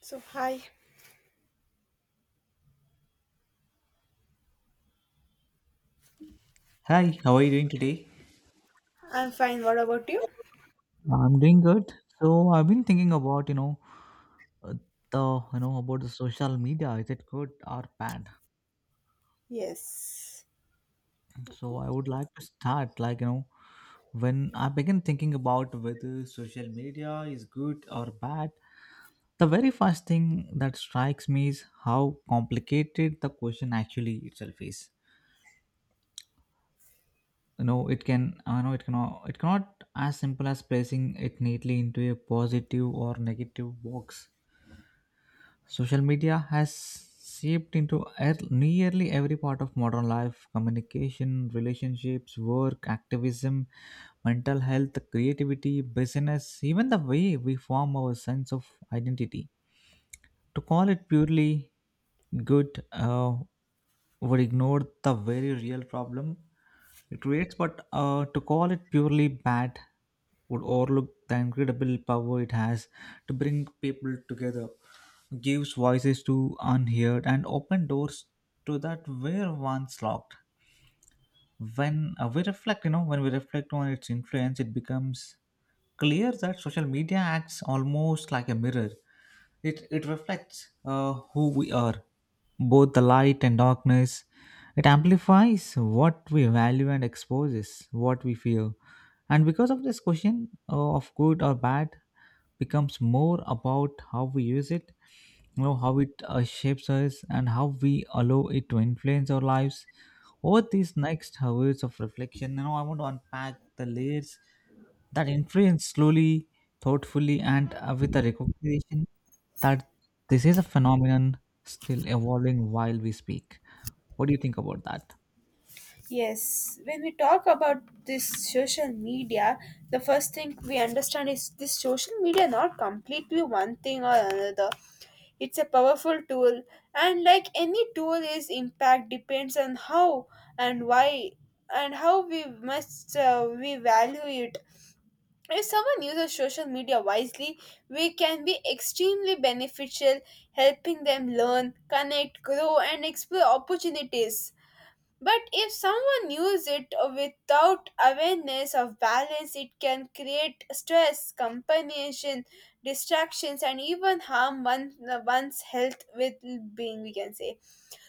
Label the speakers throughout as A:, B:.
A: So, hi,
B: Hi, how are you doing today?
A: I'm fine. What about you?
B: I'm doing good. I've been thinking about, uh, the, about the social media. Is it good or bad?
A: Yes.
B: So I would like to start, when I begin thinking about whether social media is good or bad, the very first thing that strikes me is how complicated the question actually itself is. You know, I know it cannot as simple as placing it neatly into a positive or negative box. Social media has seeped into nearly every part of modern life: communication, relationships, work, activism, mental health, creativity, business, even the way we form our sense of identity. To call it purely good would ignore the very real problem it creates, but to call it purely bad would overlook the incredible power it has to bring people together, gives voices to unheard, and open doors to that were once locked. When we reflect on its influence, it becomes clear that social media acts almost like a mirror. It reflects who we are, both the light and darkness. It amplifies what we value and exposes what we feel. And because of this question of good or bad, becomes more about how we use it, you know, how it shapes us, and how we allow it to influence our lives. Over these next hours of reflection, you know, I want to unpack the layers that influence slowly, thoughtfully, and with a recognition that this is a phenomenon still evolving while we speak. What do you think about that?
A: Yes. When we talk about this social media, the first thing we understand is this social media not completely one thing or another. It's a powerful tool, and like any tool its impact depends on how and why and how we must we value it. If someone uses social media wisely, we can be extremely beneficial, helping them learn, connect, grow, and explore opportunities. But if someone uses it without awareness of balance, it can create stress, compensation, distractions, and even harm one's health with being, we can say.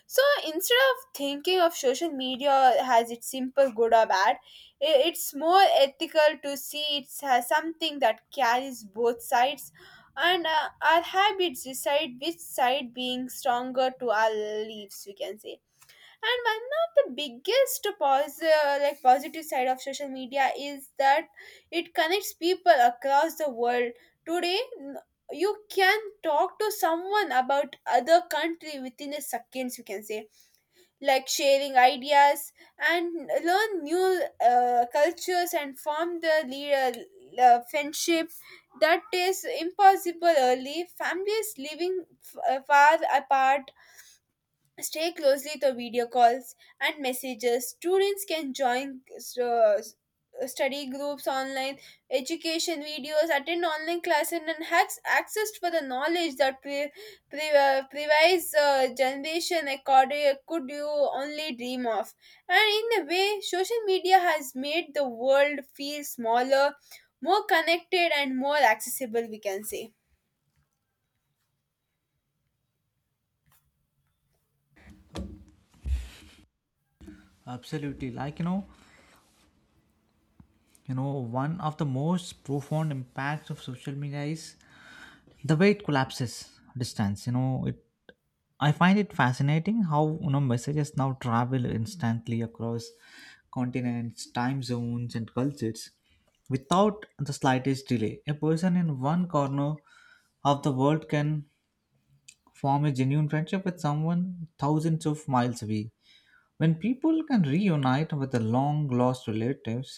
A: So instead of thinking of social media as its simple good or bad, it's more ethical to see it as something that carries both sides, and our habits decide which side being stronger to our lives, we can say. And one of the biggest positive side of social media is that it connects people across the world. Today, you can talk to someone about other country within a seconds. You can say like sharing ideas and learn new cultures and form the leader friendship that is impossible early. Families living far apart stay closely to video calls and messages. Students can join uh, study groups online, education videos, attend online classes, and has access for the knowledge that previous generation could you only dream of. And in a way, social media has made the world feel smaller, more connected, and more accessible, we can say.
B: Absolutely. One of the most profound impacts of social media is the way it collapses distance. You know it I find it fascinating how, you know, messages now travel instantly across continents, time zones, and cultures without the slightest delay. A person in one corner of the world can form a genuine friendship with someone thousands of miles away, when people can reunite with the long lost relatives,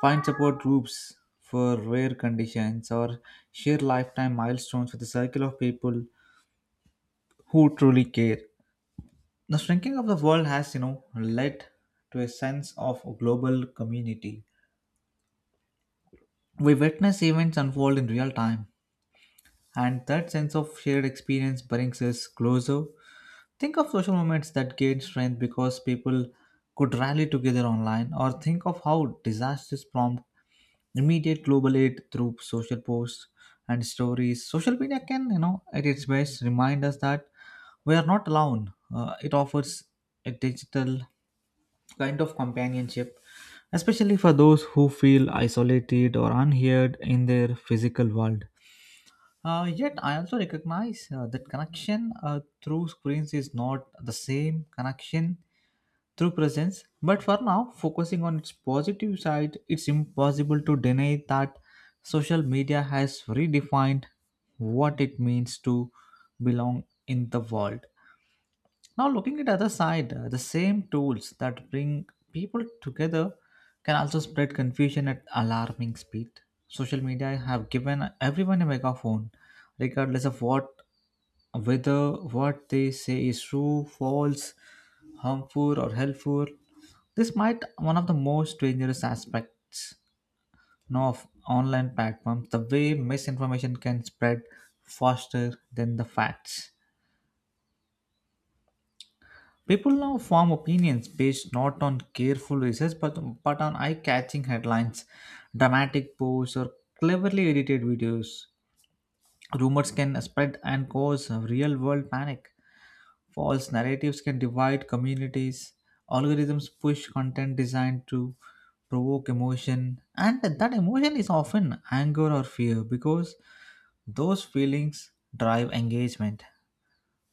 B: find support groups for rare conditions, or share lifetime milestones with a circle of people who truly care. The shrinking of the world has, you know, led to a sense of global community. We witness events unfold in real time, and that sense of shared experience brings us closer. Think of social movements that gained strength because people could rally together online, or think of how disasters prompt immediate global aid through social posts and stories. Social media can, you know, at its best, remind us that we are not alone. It offers a digital kind of companionship, especially for those who feel isolated or unheard in their physical world. Yet, I also recognize that connection through screens is not the same connection through presence. But for now, focusing on its positive side, it's impossible to deny that social media has redefined what it means to belong in the world. Now, looking at other side, the same tools that bring people together can also spread confusion at alarming speed. Social media have given everyone a megaphone, regardless of what whether what they say is true, false, harmful, or helpful. This might one of the most dangerous aspects, know, of online platforms, the way misinformation can spread faster than the facts. People now form opinions based not on careful research but on eye catching headlines, dramatic posts, or cleverly edited videos. Rumors can spread and cause real world panic. False narratives can divide communities. Algorithms push content designed to provoke emotion, and that emotion is often anger or fear because those feelings drive engagement.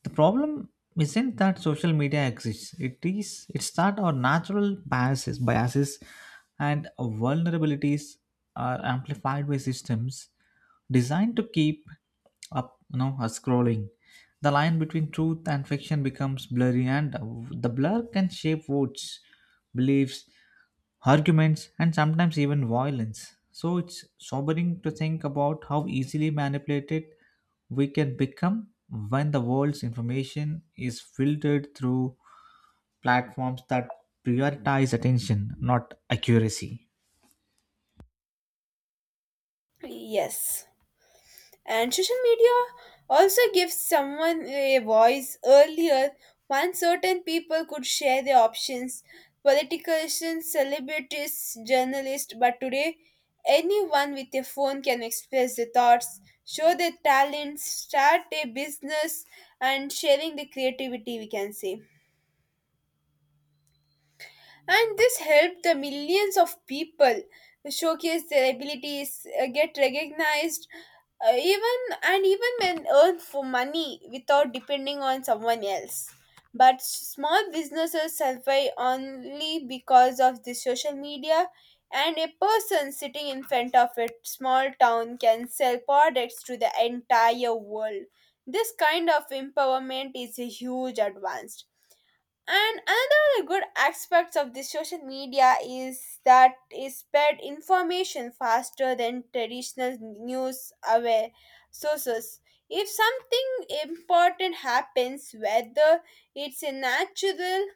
B: The problem isn't that social media exists. It's that our natural biases, and vulnerabilities are amplified by systems designed to keep up, you know, us scrolling. The line between truth and fiction becomes blurry, and the blur can shape votes, beliefs, arguments, and sometimes even violence. So it's sobering to think about how easily manipulated we can become when the world's information is filtered through platforms that prioritize attention, not accuracy.
A: Yes. And social media also gives someone a voice. Earlier, one certain people could share their options, politicians, celebrities, journalists, but today, anyone with a phone can express their thoughts, show their talents, start a business, and sharing the creativity, we can say. And this helped the millions of people showcase their abilities, get recognized, uh, even even when earn for money without depending on someone else. But small businesses survive only because of the social media, and a person sitting in front of a small town can sell products to the entire world. This kind of empowerment is a huge advance. And another good aspects of the social media is that it spread information faster than traditional news aware sources. If something important happens, whether it's a natural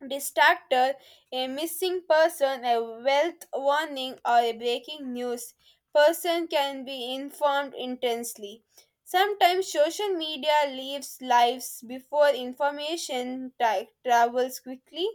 A: distractor, a missing person, a wealth warning, or a breaking news, person can be informed intensely. Sometimes social media leaves lives before information travels quickly.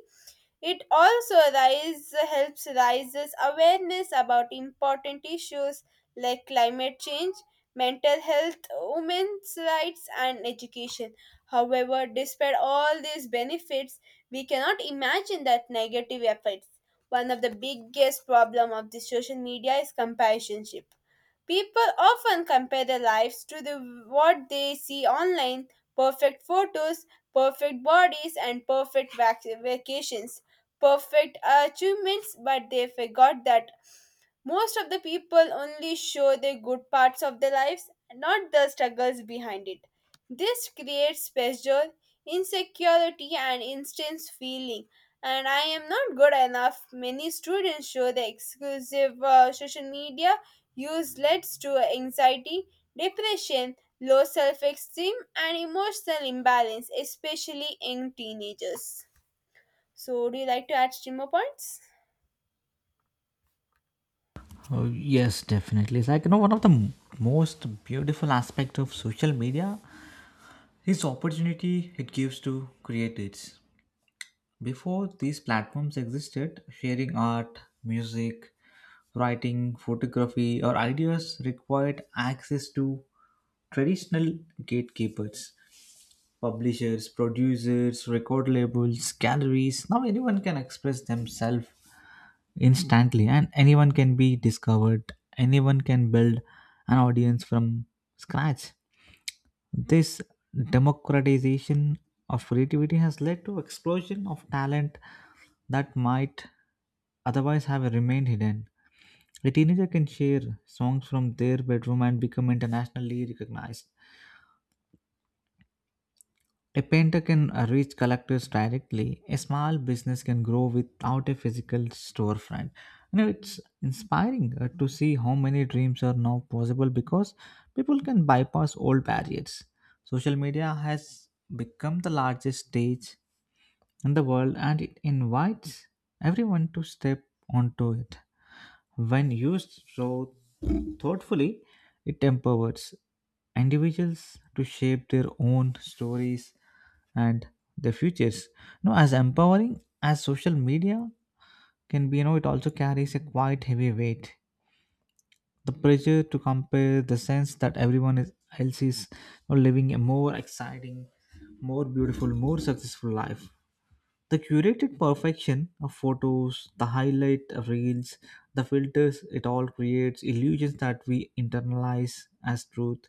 A: It also rise, helps raises awareness about important issues like climate change, mental health, women's rights, and education. However, despite all these benefits, we cannot imagine that negative effects. One of the biggest problem of the social media is companionship. People often compare their lives to the, what they see online, perfect photos, perfect bodies, and perfect vacations, perfect achievements, but they forgot that most of the people only show the good parts of their lives, not the struggles behind it. This creates pressure, insecurity, and intense feeling. And I am not good enough. Many students show the exclusive social media use leads to anxiety, depression, low self esteem, and emotional imbalance, especially in teenagers. So, would you like to add some more points?
B: Oh, yes, definitely. It's like, you know, one of the most beautiful aspect of social media is opportunity it gives to creators. Before these platforms existed, sharing art, music, writing, photography, or ideas required access to traditional gatekeepers, publishers, producers, record labels, galleries. Now anyone can express themselves instantly, and anyone can be discovered. Anyone can build an audience from scratch. This democratization of creativity has led to explosion of talent that might otherwise have remained hidden. A teenager can share songs from their bedroom and become internationally recognized. A painter can reach collectors directly. A small business can grow without a physical storefront. You know, it's inspiring to see how many dreams are now possible because people can bypass old barriers. Social media has become the largest stage in the world, and it invites everyone to step onto it. When used so thoughtfully, it empowers individuals to shape their own stories and their futures. No, as empowering as social media can be, you know, it also carries a quite heavy weight. The pressure to compare, the sense that else is, you know, living a more exciting, more beautiful, more successful life, the curated perfection of photos, the highlight reels, the filters, it all creates illusions that we internalize as truth.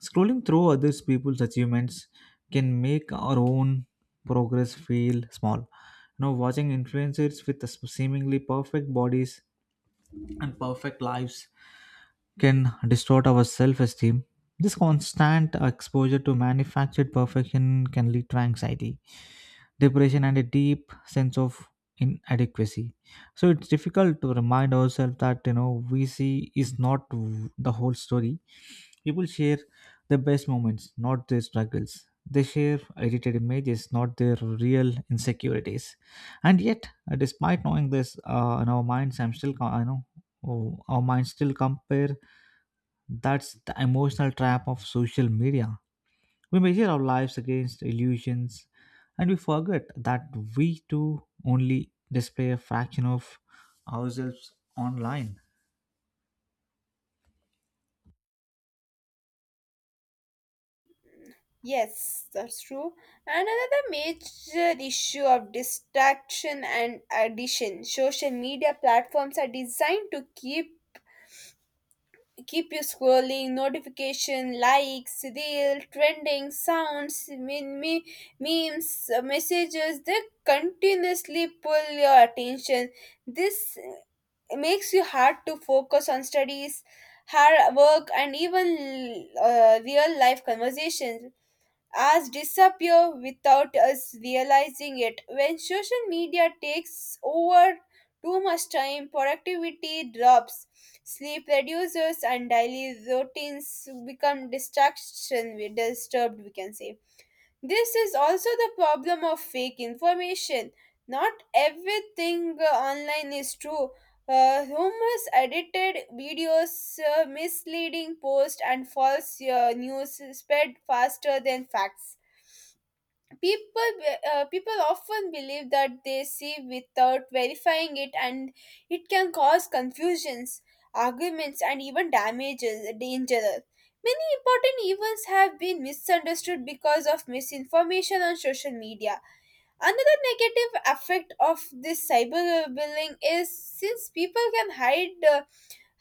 B: Scrolling through others people's achievements can make our own progress feel small. You know, watching influencers with the seemingly perfect bodies and perfect lives can distort our self-esteem. This constant exposure to manufactured perfection can lead to anxiety, depression, and a deep sense of inadequacy. So it's difficult to remind ourselves that, you know, we see is not the whole story. People share their best moments, not their struggles. They share edited images, not their real insecurities. And yet despite knowing this, in our minds I'm still co- I know oh, our minds still compare. That's the emotional trap of social media. We measure our lives against illusions, and we forget that we too only display a fraction of ourselves online.
A: Yes, that's true. And another major issue of distraction and addition. Social media platforms are designed to keep you scrolling, notification, likes, reel, trending, sounds, meme, memes, messages. They continuously pull your attention. This makes you hard to focus on studies, hard work, and even real life conversations as disappear without us realizing it. When social media takes over too much time, productivity drops, sleep reduces, and daily routines become distraction disturbed, we can say. This is also the problem of fake information. Not everything online is true. Rumors, edited videos, misleading posts, and false news spread faster than facts. People people often believe that they see without verifying it, and it can cause confusions, arguments, and even damages danger. Many important events have been misunderstood because of misinformation on social media. Another negative effect of this cyberbullying is since people can hide uh,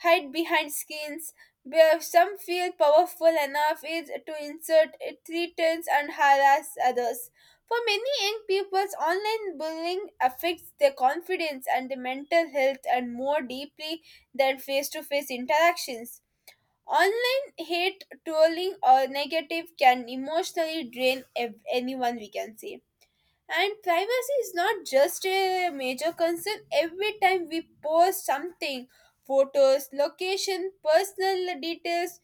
A: hide behind skins, where some feel powerful enough is to insert threats and harass others. For many young people, online bullying affects their confidence and their mental health and more deeply than face-to-face interactions. Online hate, trolling, or negative can emotionally drain anyone, we can say. And privacy is not just a major concern. Every time we post something, photos, location, personal details,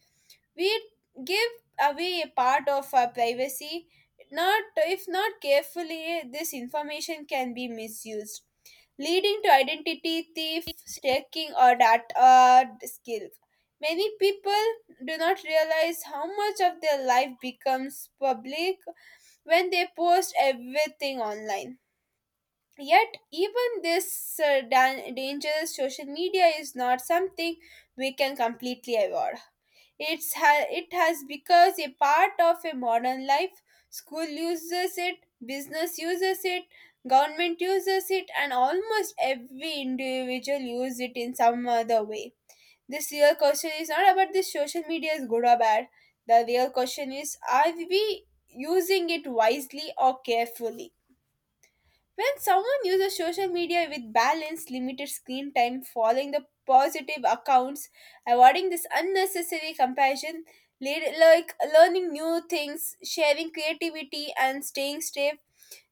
A: we give away a part of our privacy. Not if not carefully, this information can be misused, leading to identity thief, stalking, or data skill. Many people do not realize how much of their life becomes public when they post everything online. Yet, even this dangerous social media is not something we can completely avoid. It has become a part of a modern life. School uses it, business uses it, government uses it, and almost every individual uses it in some other way. This real question is not about this social media is good or bad. The real question is are we using it wisely or carefully? When someone uses social media with balance, limited screen time, following the positive accounts, avoiding this unnecessary comparison, learning new things, sharing creativity, and staying safe,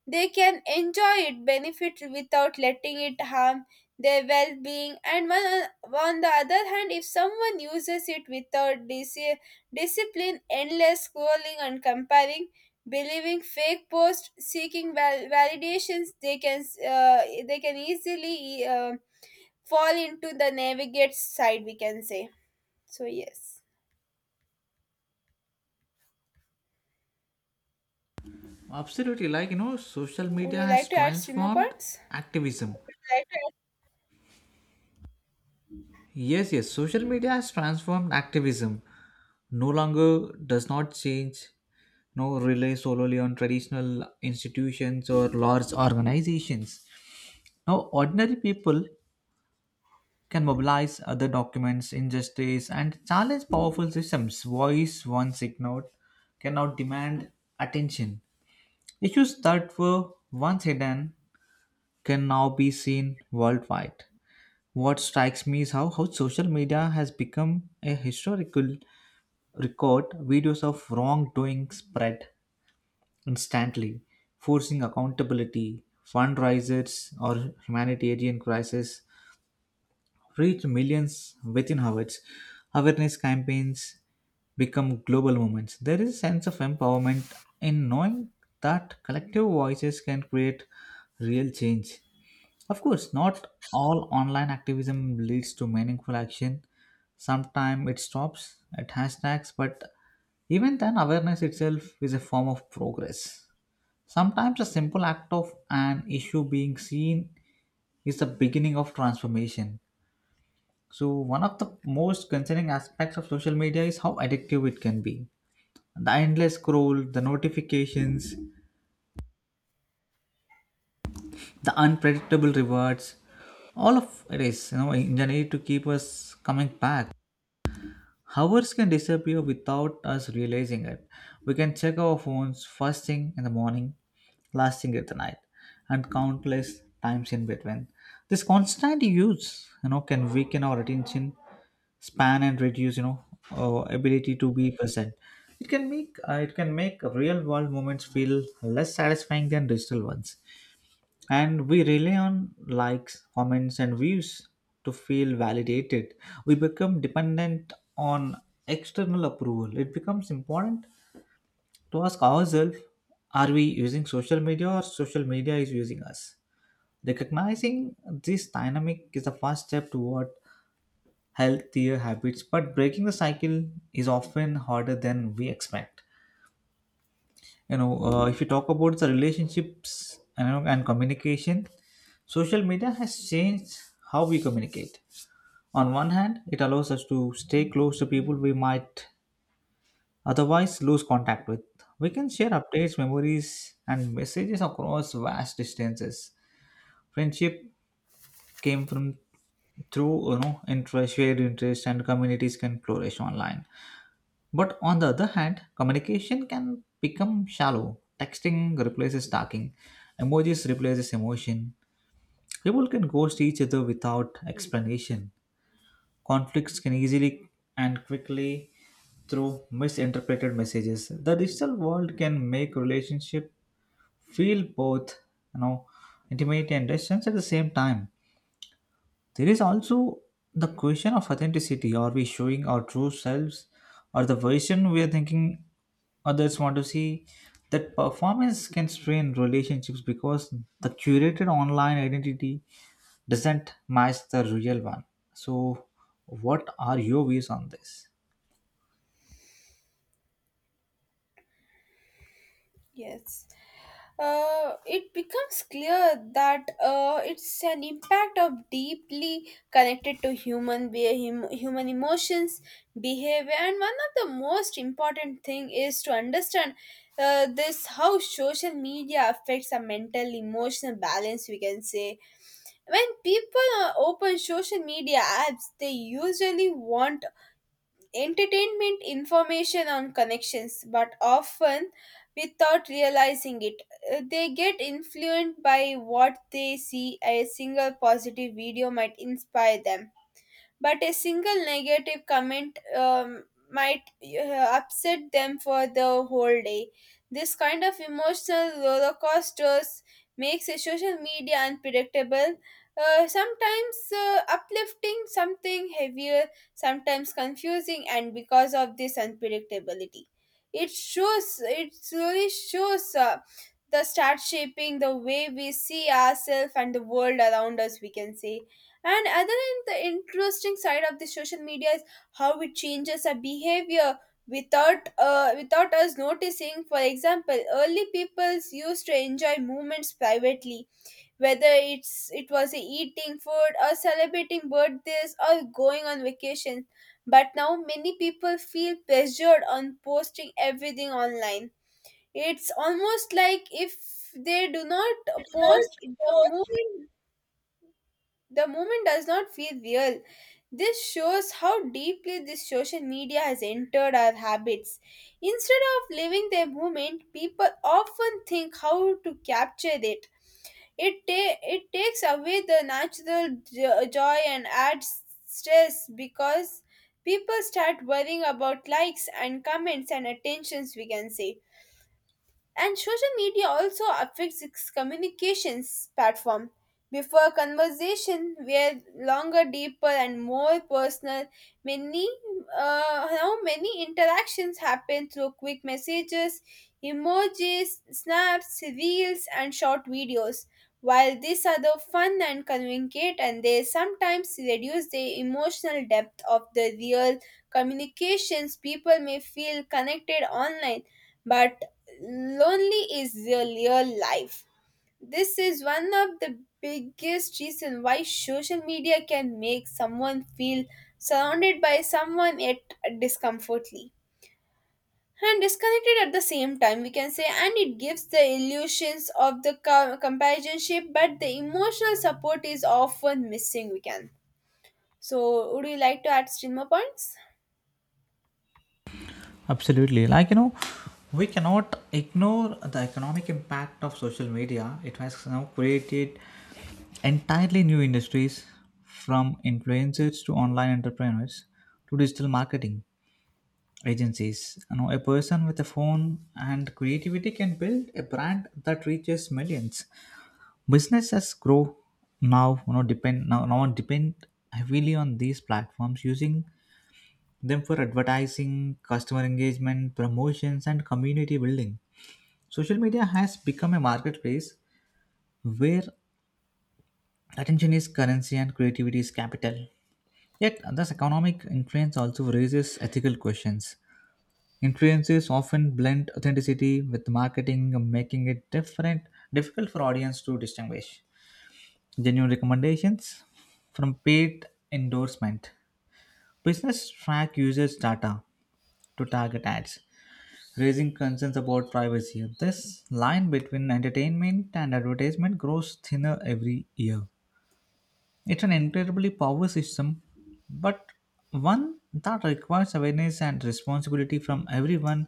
A: they can enjoy it, benefit without letting it harm their well being. And one, on the other hand, if someone uses it without discipline, endless scrolling and comparing, believing fake posts, seeking validations, they can, they can easily fall into the navigate side, we can say. So, yes.
B: Absolutely, like, you know, social
A: Would
B: media
A: you
B: has
A: like to add some more
B: transformed
A: points?
B: activism. Yes, yes, social media has transformed activism. No longer does not change, no rely solely on traditional institutions or large organizations. Now, ordinary people can mobilize other documents, industries, and challenge powerful systems. Voice once ignored cannot demand attention. Issues that were once hidden can now be seen worldwide. What strikes me is how social media has become a historical record. Videos of wrongdoing spread instantly, forcing accountability. Fundraisers or humanitarian crises reach millions within hours. Awareness campaigns become global movements. There is a sense of empowerment in knowing that collective voices can create real change. Of course, not all online activism leads to meaningful action. Sometimes it stops at hashtags, but even then, awareness itself is a form of progress. Sometimes a simple act of an issue being seen is the beginning of transformation. So, one of the most concerning aspects of social media is how addictive it can be. The endless scroll, the notifications, the unpredictable rewards, all of it is, you know, engineered to keep us coming back. Hours can disappear without us realizing it. We can check our phones first thing in the morning, last thing at the night, and countless times in between. This constant use, you know, can weaken our attention span and reduce, you know, ability to be present. It can make real world moments feel less satisfying than digital ones, and we rely on likes, comments, and views to feel validated. We become dependent on external approval. It becomes important to ask ourselves, are we using social media, or social media is using us? Recognizing this dynamic is the first step toward healthier habits, but breaking the cycle is often harder than we expect. If you talk about the relationships and communication, social media has changed how we communicate. On one hand, it allows us to stay close to people we might otherwise lose contact with. We can share updates, memories, and messages across vast distances. Friendship came from through, you know, interest shared interest, and communities can flourish online. But on the other hand, communication can become shallow. Texting replaces talking, emojis replaces emotion. People can ghost each other without explanation. Conflicts can easily and quickly through misinterpreted messages. The digital world can make relationship feel both, you know, intimate and distant at the same time. There is also the question of authenticity. Are we showing our true selves or the version we are thinking others want to see? That performance can strain relationships because the curated online identity doesn't match the real one. So, what are your views on this?
A: Yes. It becomes clear that it's an impact of deeply connected to human human emotions, behavior, and one of the most important thing is to understand this how social media affects our mental emotional balance, we can say. When people open social media apps, they usually want entertainment information on connections but often without realizing it. They get influenced by what they see. A single positive video might inspire them, but a single negative comment might upset them for the whole day. This kind of emotional roller coasters makes a social media unpredictable. Sometimes uplifting, something heavier, sometimes confusing, and because of this unpredictability, it shows. It slowly shows. The start shaping the way we see ourselves and the world around us, we can say. And other than the interesting side of the social media is how it changes our behavior without us noticing. For example, early peoples used to enjoy moments privately, whether it was eating food or celebrating birthdays or going on vacation. But now many people feel pressured on posting everything online. It's almost like if they do not post, the moment does not feel real. This shows how deeply this social media has entered our habits. Instead of living their moment, people often think how to capture it. It takes away the natural joy and adds stress because people start worrying about likes and comments and attentions, we can say. And social media also affects its communications platform. Before conversation were longer, deeper, and more personal, many now many interactions happen through quick messages, emojis, snaps, reels, and short videos. While these are the fun and communicate, and they sometimes reduce the emotional depth of the real communications, people may feel connected online but lonely is your real life. This is one of the biggest reason why social media can make someone feel surrounded by someone yet discomfortly and disconnected at the same time, we can say. And it gives the illusions of the companionship, but the emotional support is often missing, we can. So, would you like to add streamer points?
B: Absolutely. Like, you know, we cannot ignore the economic impact of social media. It has now created entirely new industries, from influencers to online entrepreneurs to digital marketing agencies. You know, a person with a phone and creativity can build a brand that reaches millions. Businesses grow now, now depend heavily on these platforms, using them for advertising, customer engagement, promotions, and community building. Social media has become a marketplace where attention is currency and creativity is capital. Yet, this economic influence also raises ethical questions. Influencers often blend authenticity with marketing, making it difficult for audience to distinguish genuine recommendations from paid endorsement. Business track users' data to target ads, raising concerns about privacy. This line between entertainment and advertisement grows thinner every year. It's an incredibly powerful system, but one that requires awareness and responsibility from everyone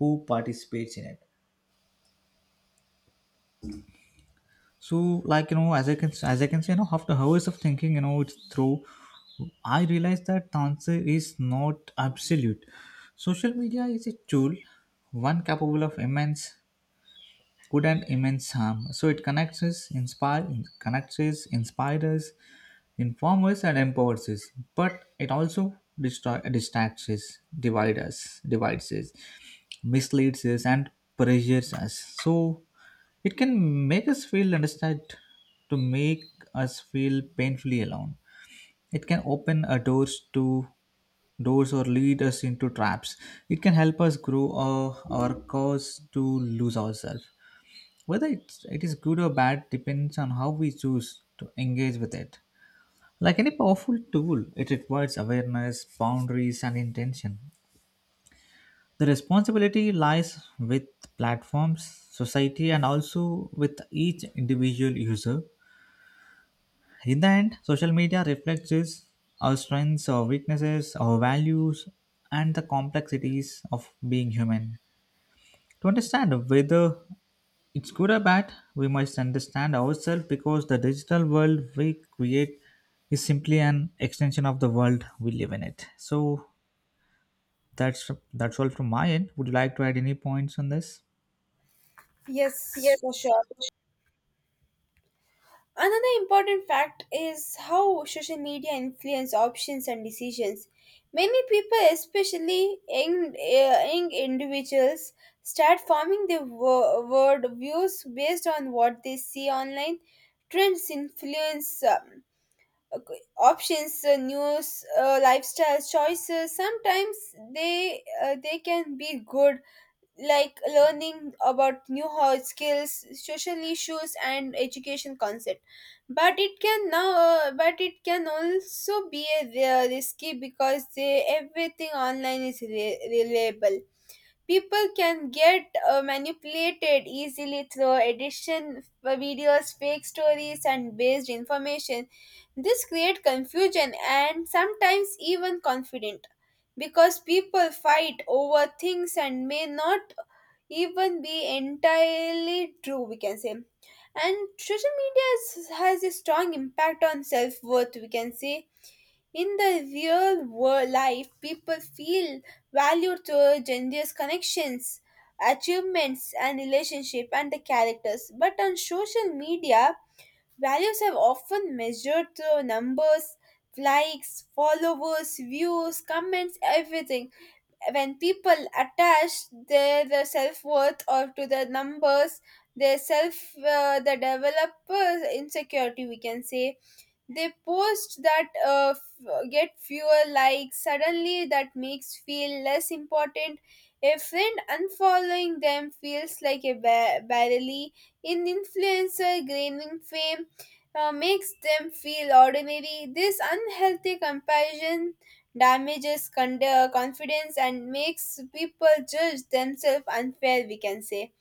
B: who participates in it. So, like, you know, as I can say, you know, after hours of thinking, you know, it's through, I realized that answer is not absolute. Social media is a tool, one capable of immense good and immense harm. So it connects us, inspires us, informs us, and empowers us. But it also distracts us, divides us, misleads us, and pressures us. So it can make us feel understood, to make us feel painfully alone. It can open our doors to doors or lead us into traps. It can help us grow or cause to lose ourselves. Whether it is good or bad depends on how we choose to engage with it. Like any powerful tool, it requires awareness, boundaries, and intention. The responsibility lies with platforms, society, and also with each individual user. In the end, social media reflects us, our strengths, our weaknesses, our values, and the complexities of being human. To understand whether it's good or bad, we must understand ourselves, because the digital world we create is simply an extension of the world we live in it. So that's all from my end. Would you like to add any points on this?
A: Yes, for
B: Yes,
A: sure. Another important fact is how social media influence options and decisions. Many people, especially young individuals, start forming their world views based on what they see online. Trends influence okay, options, news, lifestyle choices. Sometimes they can be good, like learning about new skills, social issues, and education concept, but it can now but it can also be a, risky because they, everything online is reliable. People can get manipulated easily through addition videos, fake stories, and based information. This create confusion and sometimes even confidence because people fight over things and may not even be entirely true, we can say. And social media is, has a strong impact on self-worth, we can say. In the real world life, people feel valued through generous connections, achievements and relationship and the characters, but on social media values have often measured through numbers, likes, followers, views, comments, everything. When people attach their self-worth or to the numbers, their self the developer insecurity, we can say. They post that get fewer likes suddenly that makes feel less important. A friend unfollowing them feels like a barely. An influencer gaining fame makes them feel ordinary. This unhealthy comparison damages confidence and makes people judge themselves unfair, we can say.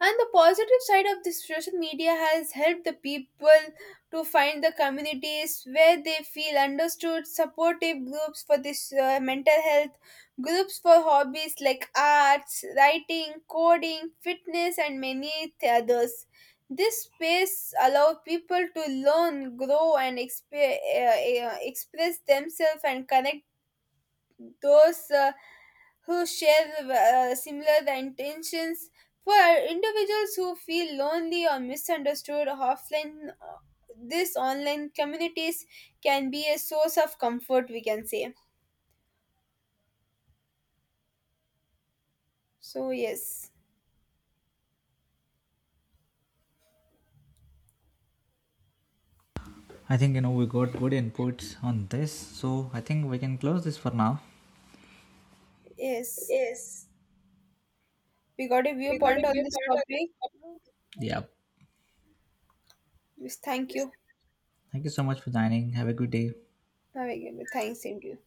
A: And the positive side of this social media has helped the people to find the communities where they feel understood, supportive groups for this mental health, groups for hobbies like arts, writing, coding, fitness, and many others. This space allows people to learn, grow, and express themselves and connect those. Who share similar intentions. For individuals who feel lonely or misunderstood offline, this online communities can be a source of comfort, we can say. So, yes,
B: I think, you know, we got good inputs on this, so I think we can close this for now.
A: yes,
B: Yes.
A: we got a
B: We got a
A: viewpoint on
B: new
A: this
B: kind
A: topic.
B: of. Yeah.
A: Yes, thank you.
B: Thank you so much for dining. Have a good day.
A: Have a good- Thanks, same to you.